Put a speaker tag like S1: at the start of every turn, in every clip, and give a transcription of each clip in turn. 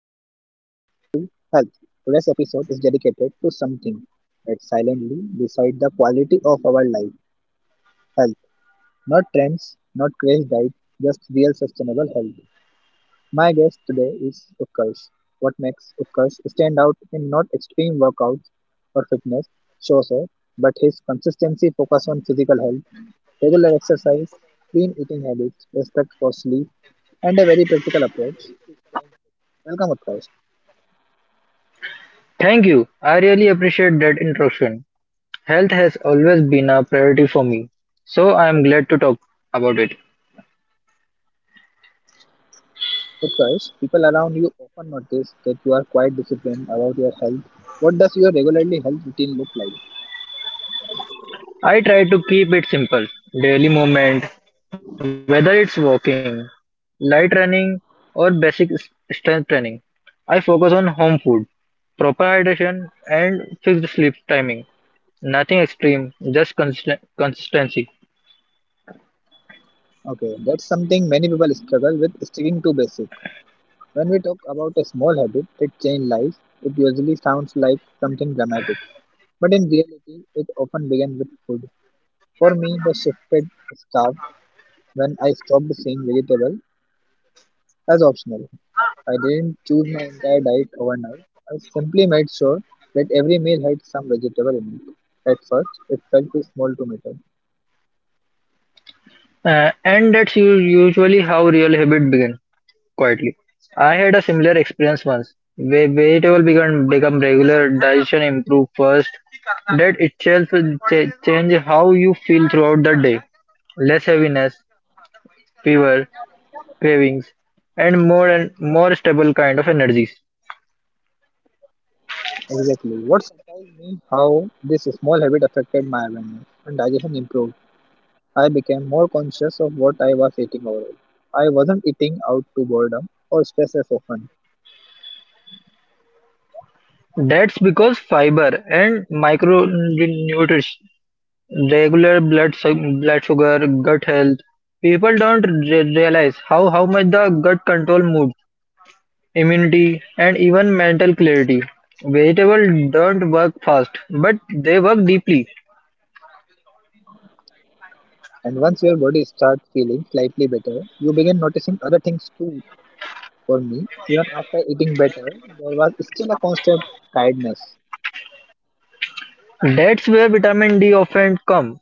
S1: Welcome back to Health. Today's episode is dedicated to something that silently decides the quality of our life health. Not trends, not crash diet, just real sustainable health. My guest today is Utkarsh. What makes Utkarsh stand out not extreme workouts or fitness shows off, but his consistency focus on physical health, regular exercise, clean eating habits, respect for sleep, and a very practical approach to staying fit. Welcome, Utkarsh.
S2: Thank you. I really appreciate that introduction. Health has always been a priority for me, so I am glad to talk about it.
S1: Because people around you often notice that you are quite disciplined about your health. What does your regularly health routine look like?
S2: I try to keep it simple. Daily movement, whether it's walking, light running, or basic strength training. I focus on home food, proper hydration, and fixed sleep timing. Nothing extreme, just consistency.
S1: Okay, that's something many people struggle with sticking to basic. When we talk about a small habit that changes lives, it usually sounds like something dramatic. But in reality, it often begins with food. For me, the shifted started when I stopped seeing vegetable as optional. I didn't choose my entire diet overnight. I simply made sure that every meal had some vegetable in it. At first, it felt too small to matter.
S2: And that's usually how real habit begins, quietly. I had a similar experience once. Vegetable become regular, digestion improved first. That itself change how you feel throughout the day. Less heaviness, fever, cravings, and more stable kind of energies.
S1: Exactly. What surprised me how this small habit affected my awareness and digestion improved. I became more conscious of what I was eating overall. I wasn't eating out to boredom or stress as often.
S2: That's because fiber and micronutrients, regular blood sugar, gut health. People don't realize how much the gut control mood, immunity, and even mental clarity. Vegetables don't work fast, but they work deeply.
S1: And once your body starts feeling slightly better, you begin noticing other things too. For me, even after eating better, there was still a constant tiredness.
S2: That's where vitamin D often come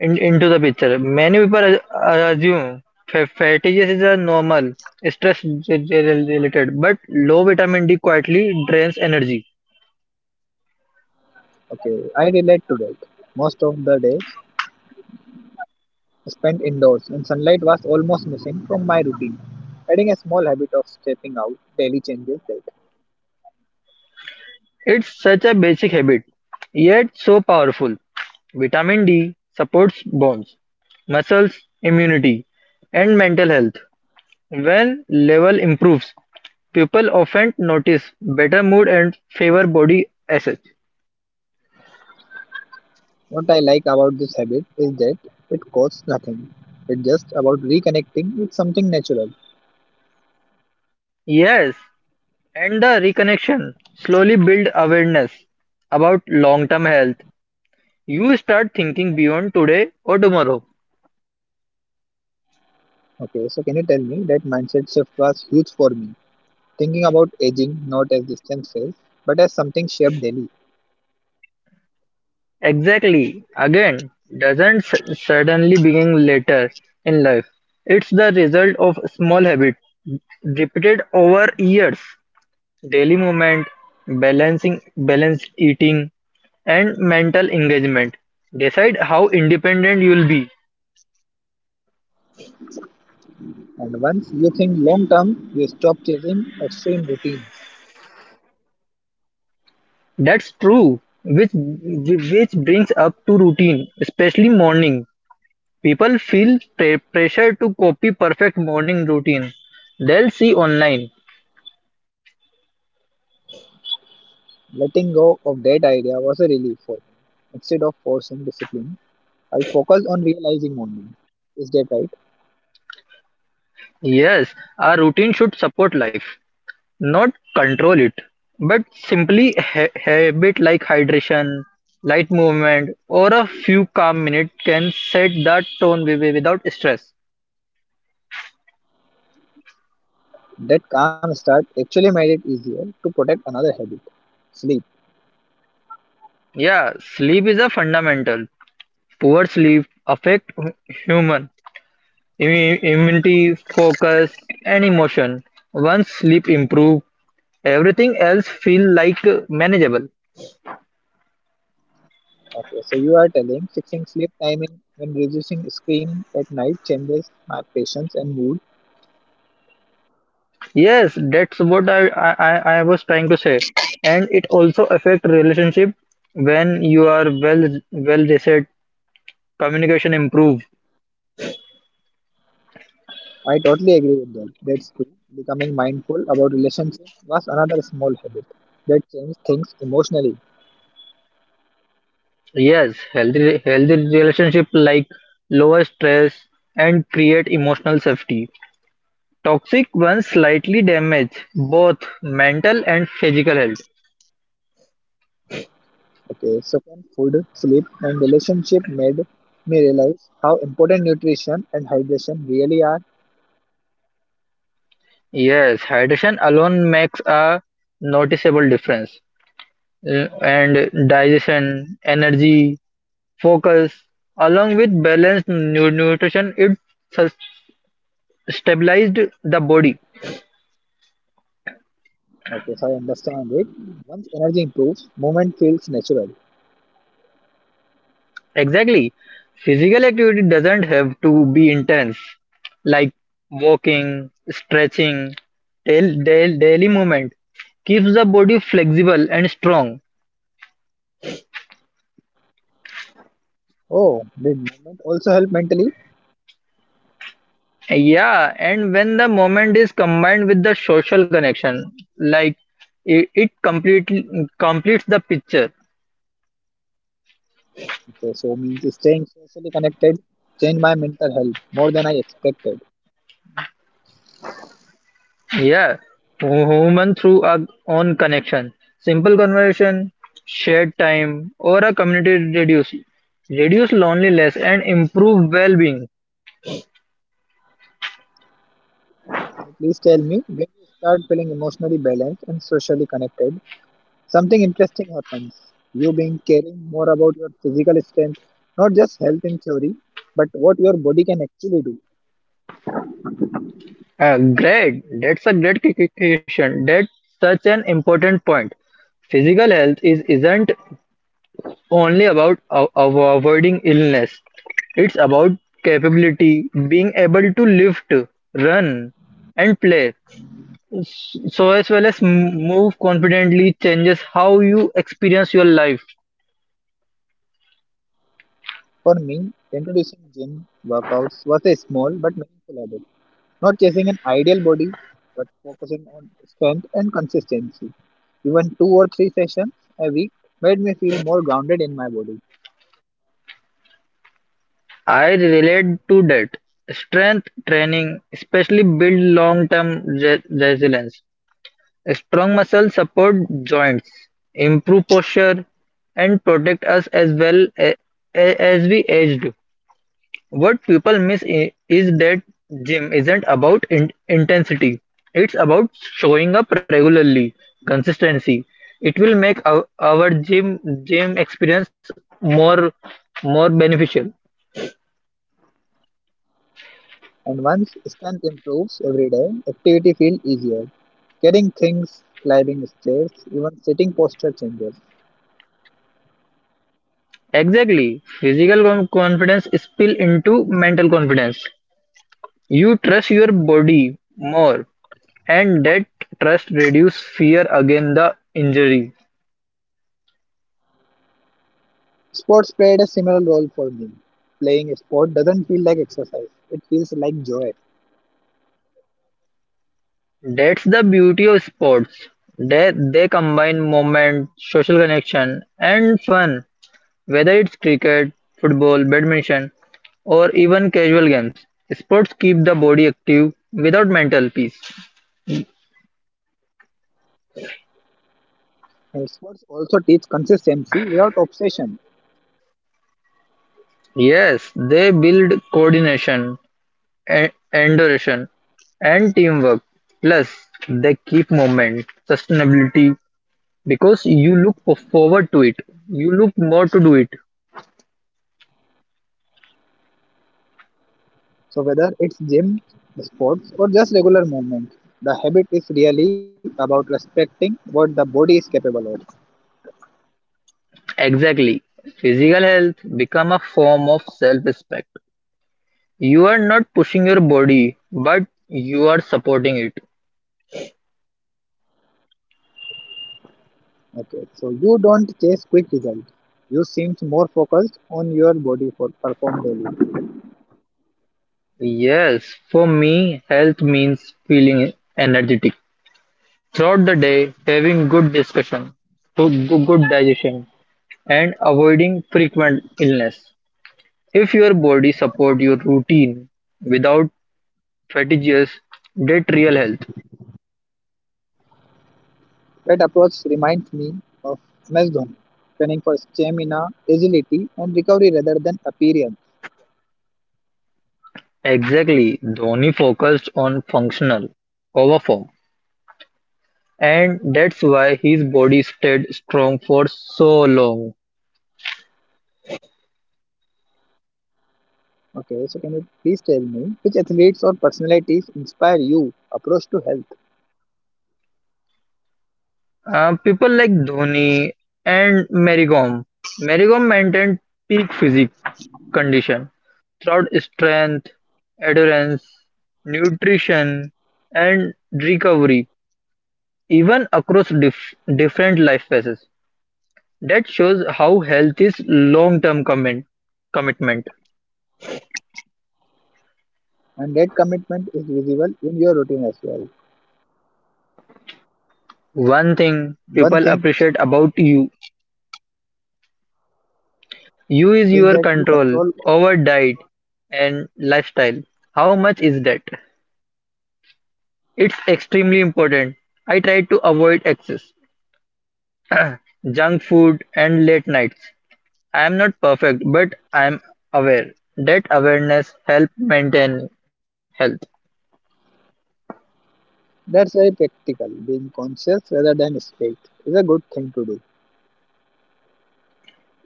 S2: in, into the picture. Many people assume fatty acids are normal, stress related, but low vitamin D quietly drains energy.
S1: Okay, I relate to that. Most of the days spent indoors and sunlight was almost missing from my routine. Adding a small habit of stepping out daily changes that.
S2: It's such a basic habit, yet so powerful. Vitamin D supports bones, muscles, immunity, and mental health. When level improves, people often notice better mood and favor body assets.
S1: What I like about this habit is that it costs nothing. It's just about reconnecting with something natural.
S2: Yes, and the reconnection slowly build awareness about long-term health. You start thinking beyond today or tomorrow.
S1: Okay, so can you tell me that mindset shift was huge for me? Thinking about aging not as distances, but as something shaped daily.
S2: Exactly. Again, doesn't suddenly begin later in life. It's the result of small habits repeated over years. Daily movement, balancing balanced eating, and mental engagement decide how independent you'll be.
S1: And once you think long term, you stop chasing extreme routines.
S2: That's true. Which brings up to routine, especially morning. People feel pressure to copy perfect morning routine. They'll see online.
S1: Letting go of that idea was a relief for me. Instead of forcing discipline, I focused on realizing only. Is that right?
S2: Yes, our routine should support life. Not control it, but simply habit like hydration, light movement, or a few calm minutes can set that tone without stress.
S1: That calm start actually made it easier to protect another habit sleep.
S2: Yeah, sleep is a fundamental. Poor sleep affect human immunity, focus, and emotion. Once sleep improve, everything else feel like manageable.
S1: Okay, so you are telling fixing sleep timing and reducing screen at night changes my patience and mood.
S2: Yes, that's what I was trying to say. And it also affect relationship when you are well reset, communication improve.
S1: I totally agree with that. That's true. Becoming mindful about relationships was another small habit that changed things emotionally.
S2: Yes, healthy relationship like lower stress and create emotional safety. Toxic ones slightly damage both mental and physical health.
S1: Okay, second, food, sleep, and relationship made me realize how important nutrition and hydration really are.
S2: Yes, hydration alone makes a noticeable difference. Uh, And digestion, energy, focus, along with balanced nutrition, it sus- stabilized the body.
S1: Okay, so I understand it. Once energy improves, movement feels natural.
S2: Exactly. Physical activity doesn't have to be intense, like walking, stretching, daily movement keeps the body flexible and strong.
S1: Oh, did movement also help mentally?
S2: Yeah, and when the moment is combined with the social connection, like it completely completes the picture.
S1: Okay, so means staying socially connected changed my mental health more than I expected.
S2: Yeah, human through our own connection, simple conversation, shared time, or a community reduce loneliness and improve well-being.
S1: Can you please tell me when you start feeling emotionally balanced and socially connected? Something interesting happens. You being caring more about your physical strength, not just health in theory, but what your body can actually do.
S2: Great, that's a great clarification. That's such an important point. Physical health is isn't only about avoiding illness. It's about capability, being able to lift, run, and play. So as well as move confidently changes how you experience your life.
S1: For me, introducing gym workouts was a small but meaningful habit. Not chasing an ideal body, but focusing on strength and consistency. Even two or three sessions a week made me feel more grounded in my body.
S2: I relate to that. Strength training especially build long term resilience. Strong muscles support joints, improve posture, and protect us as well a- as we aged. What people miss is that gym isn't about intensity, it's about showing up regularly, consistency. It will make our gym experience more more beneficial.
S1: And once strength improves every day, activity feels easier. Carrying things, climbing stairs, even sitting posture changes.
S2: Exactly. Physical confidence spill into mental confidence. You trust your body more and that trust reduce fear against the injury.
S1: Sports played a similar role for me. Playing a sport doesn't feel like exercise, it feels like joy.
S2: That's the beauty of sports. They combine movement, social connection, and fun. Whether it's cricket, football, badminton, or even casual games, sports keep the body active without mental peace.
S1: And sports also teach consistency without obsession.
S2: Yes, they build coordination, endurance, and teamwork. Plus, they keep movement, sustainability, because you look forward to it. You look more to do it.
S1: So, whether it's gym, sports, or just regular movement, the habit is really about respecting what the body is capable of.
S2: Exactly. Physical health become a form of self-respect. You are not pushing your body, but you are supporting it.
S1: Okay, so you don't chase quick results. You seem more focused on your body for perform daily.
S2: Yes, for me, health means feeling energetic throughout the day, having good discussion, good digestion, and avoiding frequent illness. If your body support your routine without fatigues, that real health.
S1: That approach reminds me of MS Dhoni, training for stamina, agility, and recovery rather than appearance.
S2: Exactly. Dhoni focused on functional over form, and that's why his body stayed strong for so long.
S1: Okay, so can you please tell me which athletes or personalities inspire you approach to health
S2: People like Dhoni and Merigom. Merigom maintained peak physique condition throughout strength, endurance, nutrition, and recovery, even across different life phases. That shows how health is long-term commitment.
S1: and that commitment is visible in your routine as well.
S2: One thing
S1: One
S2: people
S1: thing
S2: appreciate about you. Use
S1: is
S2: your
S1: that you
S2: control
S1: control
S2: over diet and lifestyle. How much is that? It's extremely important. I try to avoid excess, junk food, and late nights. I am not perfect, but I am aware. That awareness helps maintain health.
S1: that's very practical. Being conscious rather than strict is a good thing to do.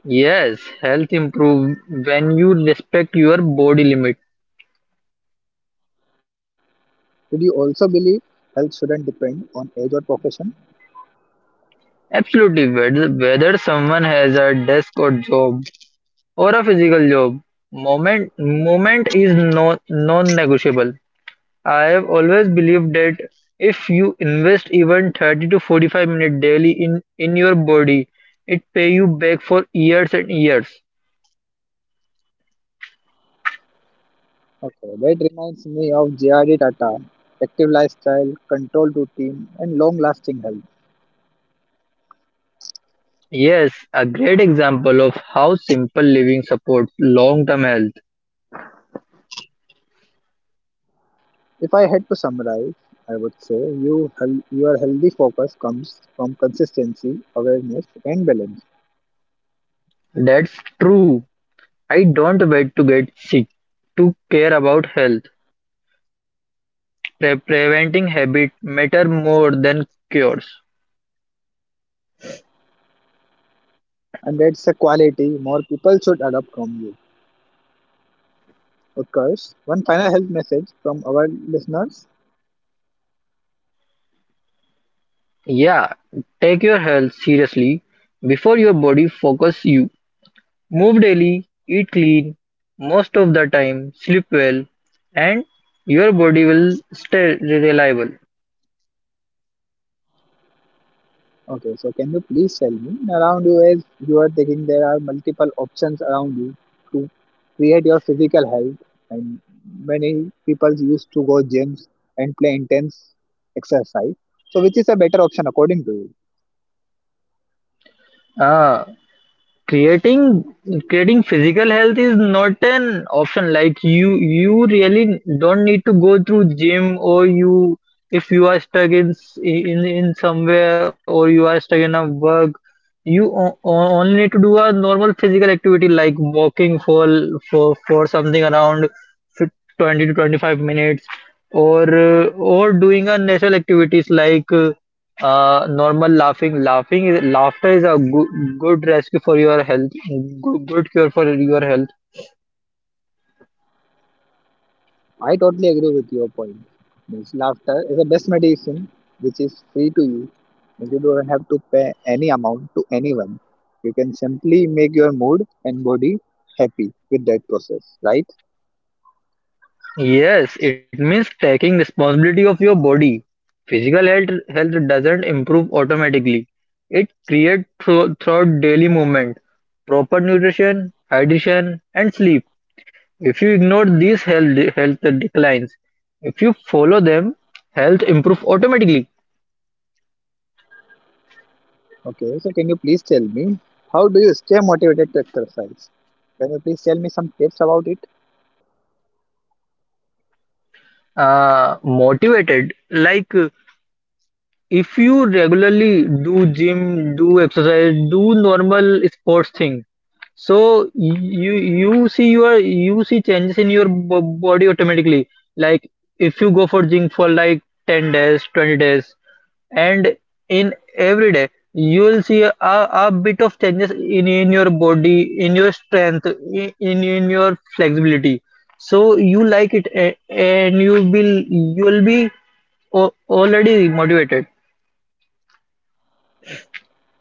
S2: Yes, health improve when you respect your body limit.
S1: Did you also believe health shouldn't depend on age or profession?
S2: Absolutely, whether someone has a desk or job or a physical job, moment is no non-negotiable. I've always believed that if you invest even 30 to 45 minutes daily in your body, it pay you back for years and years.
S1: Okay, that reminds me of JRD Tata, active lifestyle, controlled routine and long lasting health.
S2: Yes, a great example of how simple living supports long-term health.
S1: If I had to summarize, I would say your healthy focus comes from consistency, awareness, and balance,
S2: That's true. I don't wait to get sick to care about health. Preventing habit matter more than cures.
S1: and that's a quality more people should adopt from you. Of course, one final health message from our listeners.
S2: Yeah, take your health seriously before your body focus you. Move daily, eat clean most of the time, sleep well, and your body will stay reliable.
S1: Okay, so can you please tell me around you as you are thinking there are multiple options around you to create your physical health, and many people used to go gyms and play intense exercise. So, which is a better option according to you?
S2: Ah, creating creating physical health is not an option. Like, you really don't need to go through gym, or you if you are stuck in somewhere, or you are stuck in a work, you only need to do a normal physical activity like walking for for something around 20 to 25 minutes, or uh, or doing a natural activities like normal laughter is a good rescue for your health, good cure for your health.
S1: I totally agree with your point. Means laughter is the best medicine which is free to you. Means you don't have to pay any amount to anyone. You can simply make your mood and body happy with that process, right?
S2: Yes, it means taking responsibility of your body physical health. Health doesn't improve automatically. It creates throughout daily movement, proper nutrition, hydration, and sleep. If you ignore these, health declines. If you follow them, health improve automatically.
S1: Okay, so can you please tell me how do you stay motivated to exercise? Can you please tell me some tips about it?
S2: Motivated, like, if you regularly do gym, do exercise, do normal sports thing, so you see your you see changes in your body automatically. Like, if you go for gym for like 10 days, 20 days, and in every day you will see a bit of changes in your body, in your strength, in your flexibility, so you like it, and you will be already motivated.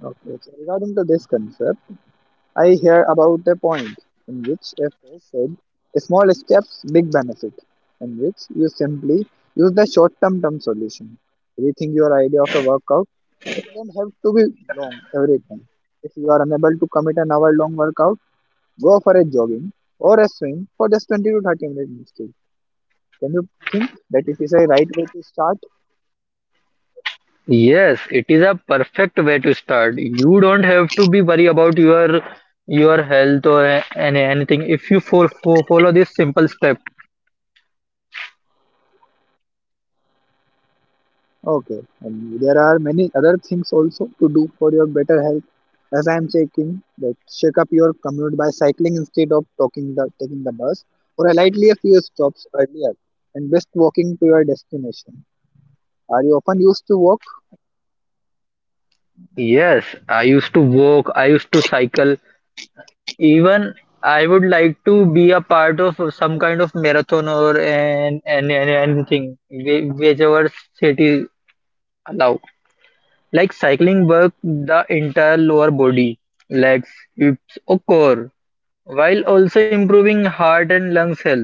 S1: Okay, so regarding to this concept, I hear about a point in which a phrase said, small steps, big benefit, in which you simply use the short term solution. Rethink your idea of a workout. It doesn't have to be long every time. If you are unable to commit an hour long workout, go for a jogging or a swim for just 20 to 30 minutes instead. Can you think that it is a right way to start?
S2: Yes, it is a perfect way to start. You don't have to be worried about your health, or anything if you fo fo follow this simple step.
S1: Okay, and there are many other things also to do for your better health. As I am checking, that shake up your commute by cycling instead of taking the bus, or a lightly a few stops earlier, and best walking to your destination. Are you often used to walk?
S2: Yes, I used to walk, I used to cycle. Even I would like to be a part of some kind of marathon, or an anything, whichever city allow. Like cycling work the entire lower body, legs, hips, or core, while also improving heart and lungs health.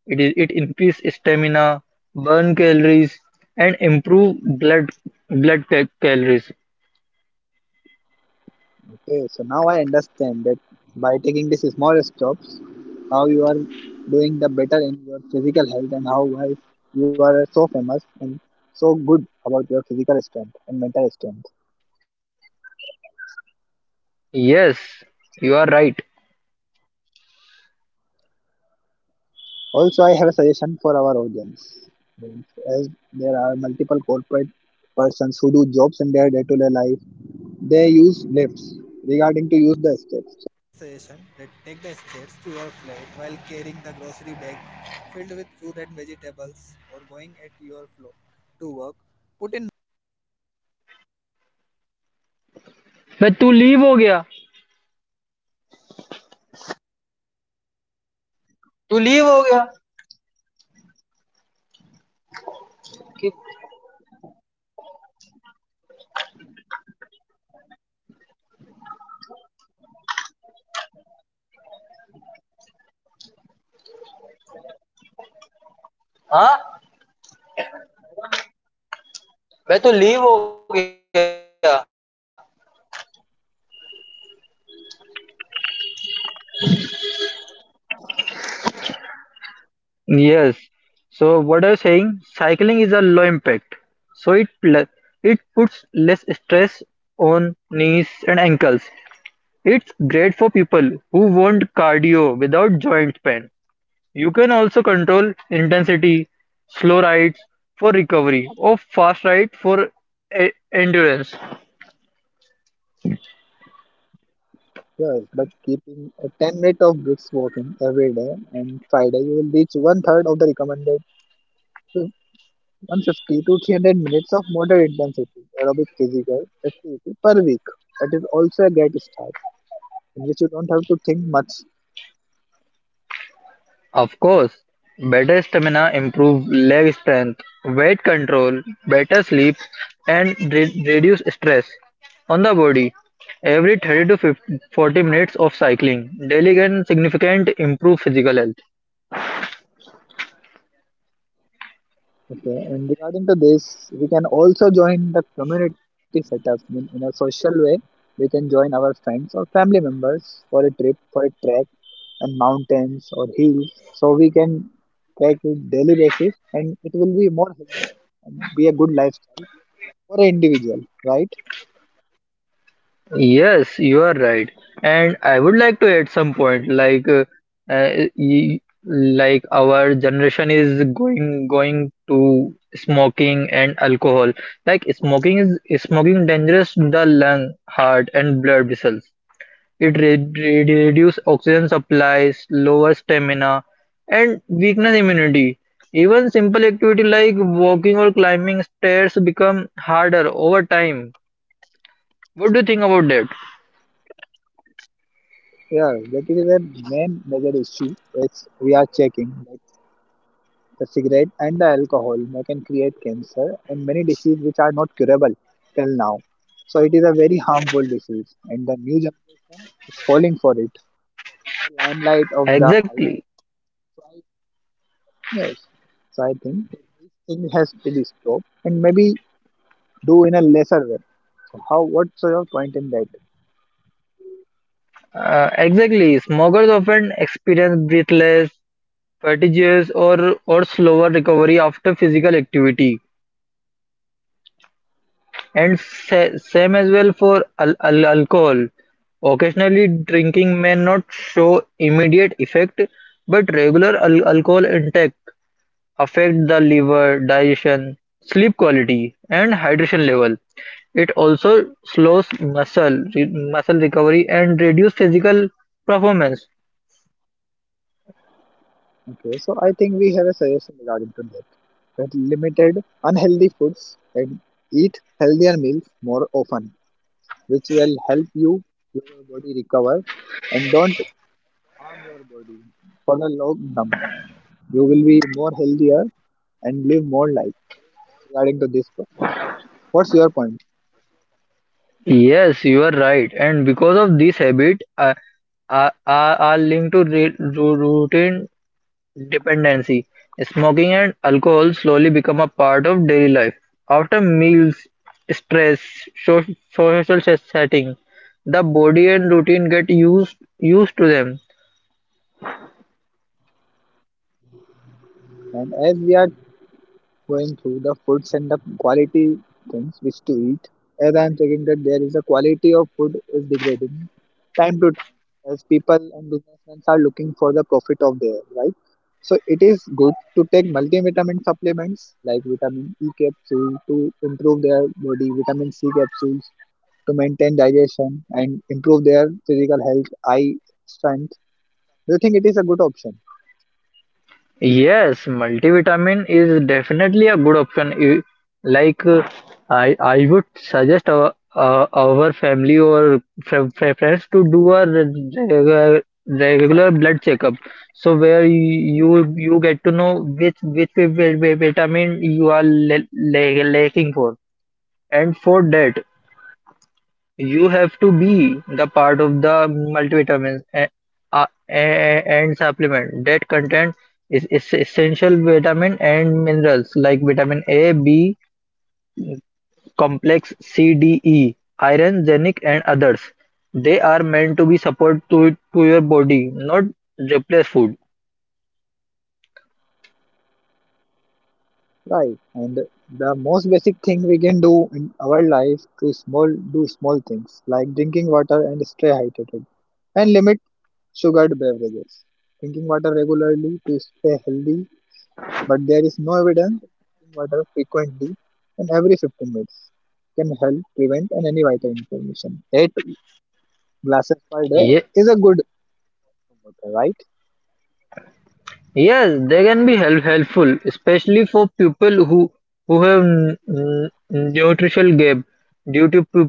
S2: It is, it increases stamina, burn calories, and improve blood calories.
S1: Okay, so now I understand that by taking these small stops, how you are doing the better in your physical health and how why you are so famous and so good about your physical strength and mental strength.
S2: Yes, you are right.
S1: Also, I have a suggestion for our audience. As there are multiple corporate persons who do jobs in their day-to-day life, they use lifts. Regarding to
S2: मैं तू leave हो गया. तू leave हो गया कि हाँ. मैं तो लीव हो गया. Yes. So what I was saying, cycling is a low impact. So it puts less stress on knees and ankles. It's great for people who want cardio without joint pain. You can also control intensity, slow rides for recovery, or fast ride for endurance.
S1: yes, but keeping a 10 minutes of brisk walking every day and Friday, you will reach one third of the recommended to 150 to 300 minutes of moderate intensity aerobic physical activity per week. That is also a great start in which you don't have to think much.
S2: Of course, better stamina improve leg strength, weight control, better sleep, and reduce stress on the body. Every 30 to 50, 40 minutes of cycling daily can significantly improve physical health.
S1: Okay, and regarding to this, we can also join the community setup in a social way. We can join our friends or family members for a trip, for a trek, and mountains or hills so we can track it daily basis and it will be more healthier and be a good lifestyle for an individual, right?
S2: Yes, you are right. And I would like to add some point uh, y- like our generation is going to smoking and alcohol. Like, smoking is smoking dangerous to the lung, heart, and blood vessels. It re re reduces oxygen supplies, lower stamina, and weakness immunity. Even simple activity like walking or climbing stairs become harder over time. What do you think about that?
S1: Yeah, that is the main major issue which we are checking like the cigarette and the alcohol they can create cancer and many diseases which are not curable till now. So it is a very harmful disease and the new generation is falling for it, the limelight of the hype.
S2: Exactly.
S1: Yes, so I think that this thing has to be stopped and maybe do in a lesser way. So how what's your point in that?
S2: Exactly. Smokers often experience breathless, fatigues, or slower recovery after physical activity, and same as well for alcohol. Occasionally, drinking may not show immediate effect, but regular alcohol intake affect the liver, digestion, sleep quality, and hydration level. It also slows muscle recovery and reduce physical performance.
S1: Okay, so I think we have a suggestion regarding to that. That limited unhealthy foods and eat healthier meals more often, which will help you your body recover and don't harm your body for the long term. You will be more healthier and live more life regarding to this process. What's your point?
S2: Yes, you are right. And because of this habit, are linked to routine dependency. Smoking and alcohol slowly become a part of daily life. After meals, stress, so- social setting, the body and routine get used to them.
S1: And as we are going through the foods and the quality things which to eat, as I am checking that there is a quality of food is degrading time to time as people and businessmen are looking for the profit of their right. So it is good to take multivitamin supplements like vitamin E capsule to improve their body, vitamin C capsules to maintain digestion and improve their physical health, eye strength. Do you think it is a good option?
S2: Yes, multivitamin is definitely a good option. Like, I would suggest our family or friends to do a regular blood checkup. So where you get to know which vitamin you are lacking for, and for that you have to be the part of the multivitamins and supplement that contain is essential vitamin and minerals like vitamin A, B, complex, C, D, E, iron, zinc, and others. They are meant to be support to your body, not replace food.
S1: Right. And the most basic thing we can do in our life to small do small things like drinking water and stay hydrated and limit sugared beverages. Drinking water regularly to stay healthy, but there is no evidence that drinking water frequently and every 15 minutes can help prevent and any vital information. Eight glasses per day
S2: Ye-
S1: is a good water, right?
S2: Yes, they can be helpful, especially for people who have nutritional gap due to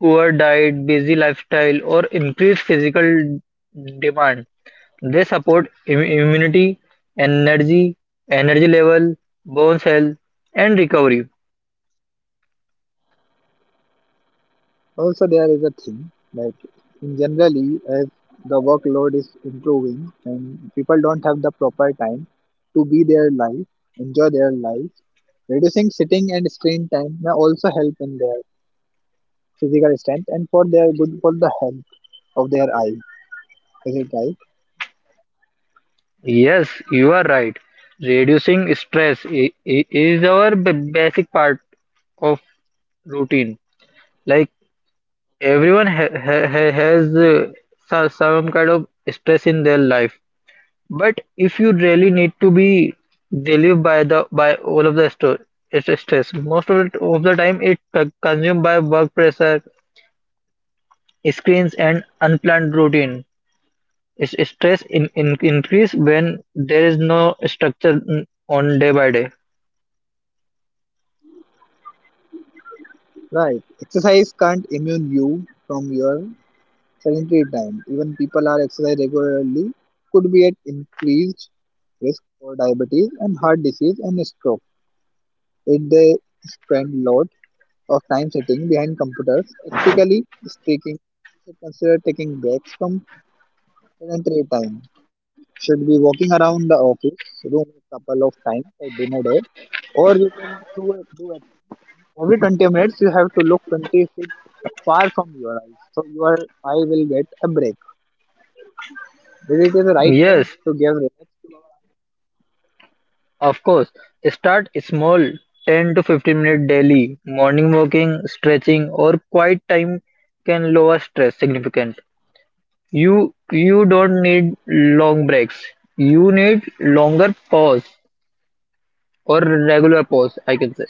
S2: poor diet, busy lifestyle, or increased physical demand. They support immunity, energy, energy level, bones health, and recovery.
S1: Also, there is a thing like in generally, as the workload is improving and people don't have the proper time to be their life, enjoy their life, reducing sitting and screen time may also help in their physical strength and for their good for the health of their eye. Is it right?
S2: Yes, you are right. Reducing stress is our basic part of routine. Like, everyone ha ha ha has some kind of stress in their life, but if you really need to be relieved by the by all of the it's stress, most of it of the time it consumed by work pressure, screens, and unplanned routine. It's stress in increase when there is no structure, on day by day.
S1: Right. Exercise can't immune you from your sedentary time. Even people are exercise regularly could be at increased risk for diabetes and heart disease and stroke. It they spend a lot of time sitting behind computers. Practically speaking, we should consider taking breaks from sedentary time. Should be walking around the office room a couple of times for dinner day, or you can do a thing. Every 20 minutes, you have to look 20 feet far from your eyes, so your eye will get a break. Did it is the right way
S2: Yes.
S1: to give relax to our
S2: Of course, start small, 10 to 15 minutes daily. Morning walking, stretching, or quiet time can lower stress significant. You don't need long breaks. You need longer pause, or regular pause, I can say.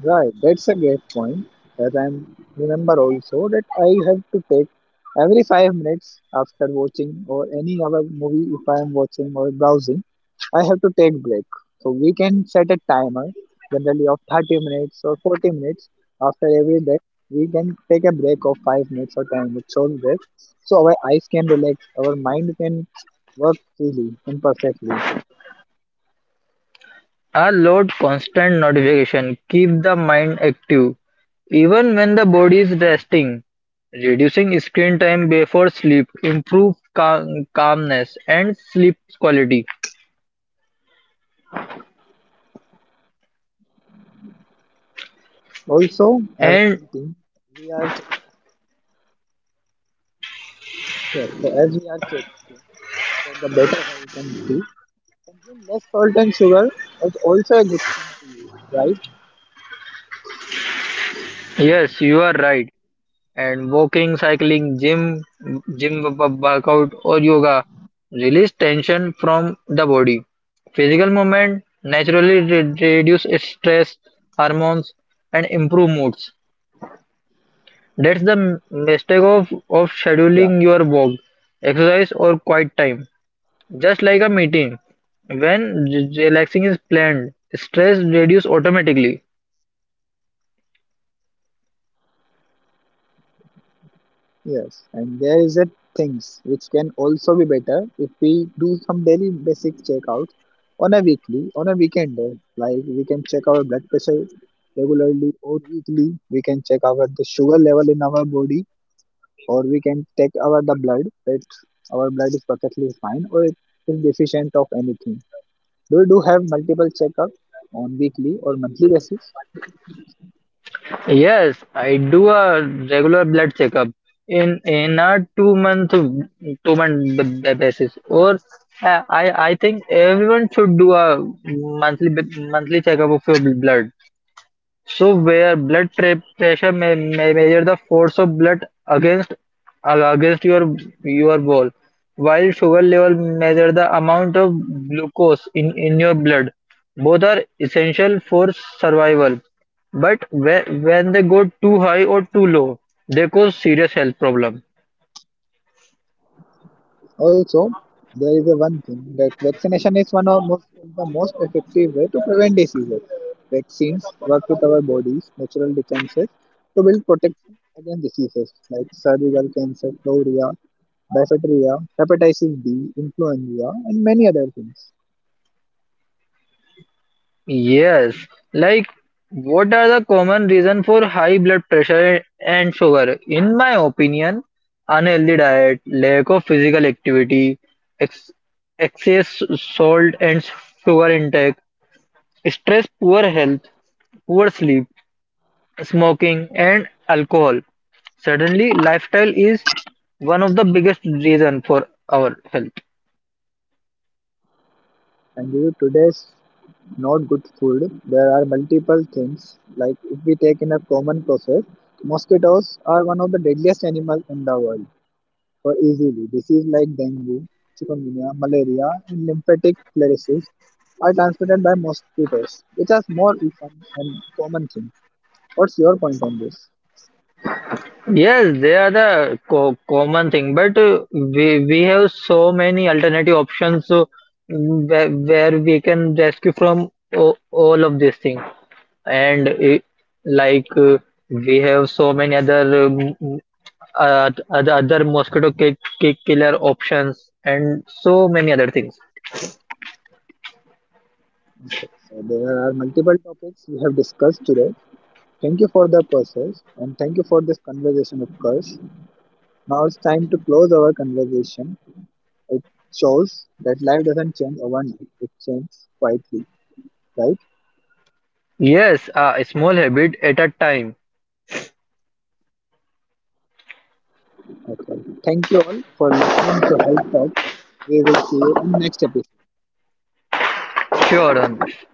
S1: right, that's a great point. As I remember also that I have to take every 5 minutes after watching or any other movie if I am watching or browsing, I to take break. So we can set a timer generally of 30 minutes or 40 minutes after every day. We can take a break of 5 minutes or 10 minutes short break. So our eyes can relax, our mind can work freely and perfectly.
S2: Unload constant notification. Keep the mind active even when the body is resting. Reducing screen time before sleep improve calmness and sleep quality.
S1: Also, as I'm
S2: And.
S1: eating, we are check- so as we are checking for the better health and sleep. Consume less salt and sugar is also a good thing to use, right?
S2: Yes, you are right. And walking, cycling, gym, gym w- workout, or yoga release tension from the body. Physical movement naturally reduce stress hormones and improve moods. That's the mistake of
S1: Yeah.
S2: scheduling your walk, exercise, or quiet time. Just like a meeting, when relaxing is planned, stress reduce automatically.
S1: Yes, and there is a things which can also be better if we do some daily basic checkouts on a weekly, on a weekend day. Like we can check our blood pressure regularly or weekly. We can check our the sugar level in our body, or can take our the blood that our blood is perfectly fine or it is deficient of anything. Do you do have multiple checkup on weekly or monthly basis?
S2: Yes, I do a regular blood checkup in a two month b- basis. Or I think everyone should do a monthly checkup of your blood. So where blood pressure may measure the force of blood against uh, against your your wall, while sugar level measure the amount of glucose in your blood. Both are essential for survival, but when they go too high or too low, they cause serious health problem.
S1: Also, there is a one thing that vaccination is one of most, the most effective way to prevent diseases. Vaccines work with our bodies' natural defenses to build protection against diseases like cervical cancer, gonorrhea, diphtheria, hepatitis B, influenza, and many other things.
S2: Yes, like, what are the common reason for high blood pressure and sugar? In my opinion, unhealthy diet, lack of physical activity, ex excess salt and sugar intake, stress, poor health, poor sleep, smoking and alcohol. Suddenly, lifestyle is one of the biggest reason for our health.
S1: And due to today's not good food. There are multiple things. Like if we take in a common process, mosquitoes are one of the deadliest animals in the world for easily. Diseases like dengue, chikungunya, malaria, and lymphatic sclerosis are transmitted by mosquitoes, which are more common and common things. What's your point on this?
S2: Yes, they are the co common thing, but we have so many alternative options so, where we can rescue from o all of these things. And like, we have so many other other mosquito ki ki killer options and so many other things.
S1: Okay, so there are multiple topics we have discussed today. Thank you for the process and thank you for this conversation, of course. Now it's time to close our conversation. It shows that life doesn't change overnight, it changes quietly, right?
S2: Yes, a small habit at a time.
S1: Okay. Thank you all for listening to Health Talk. We will see you in next episode.
S2: Sure, Ramesh.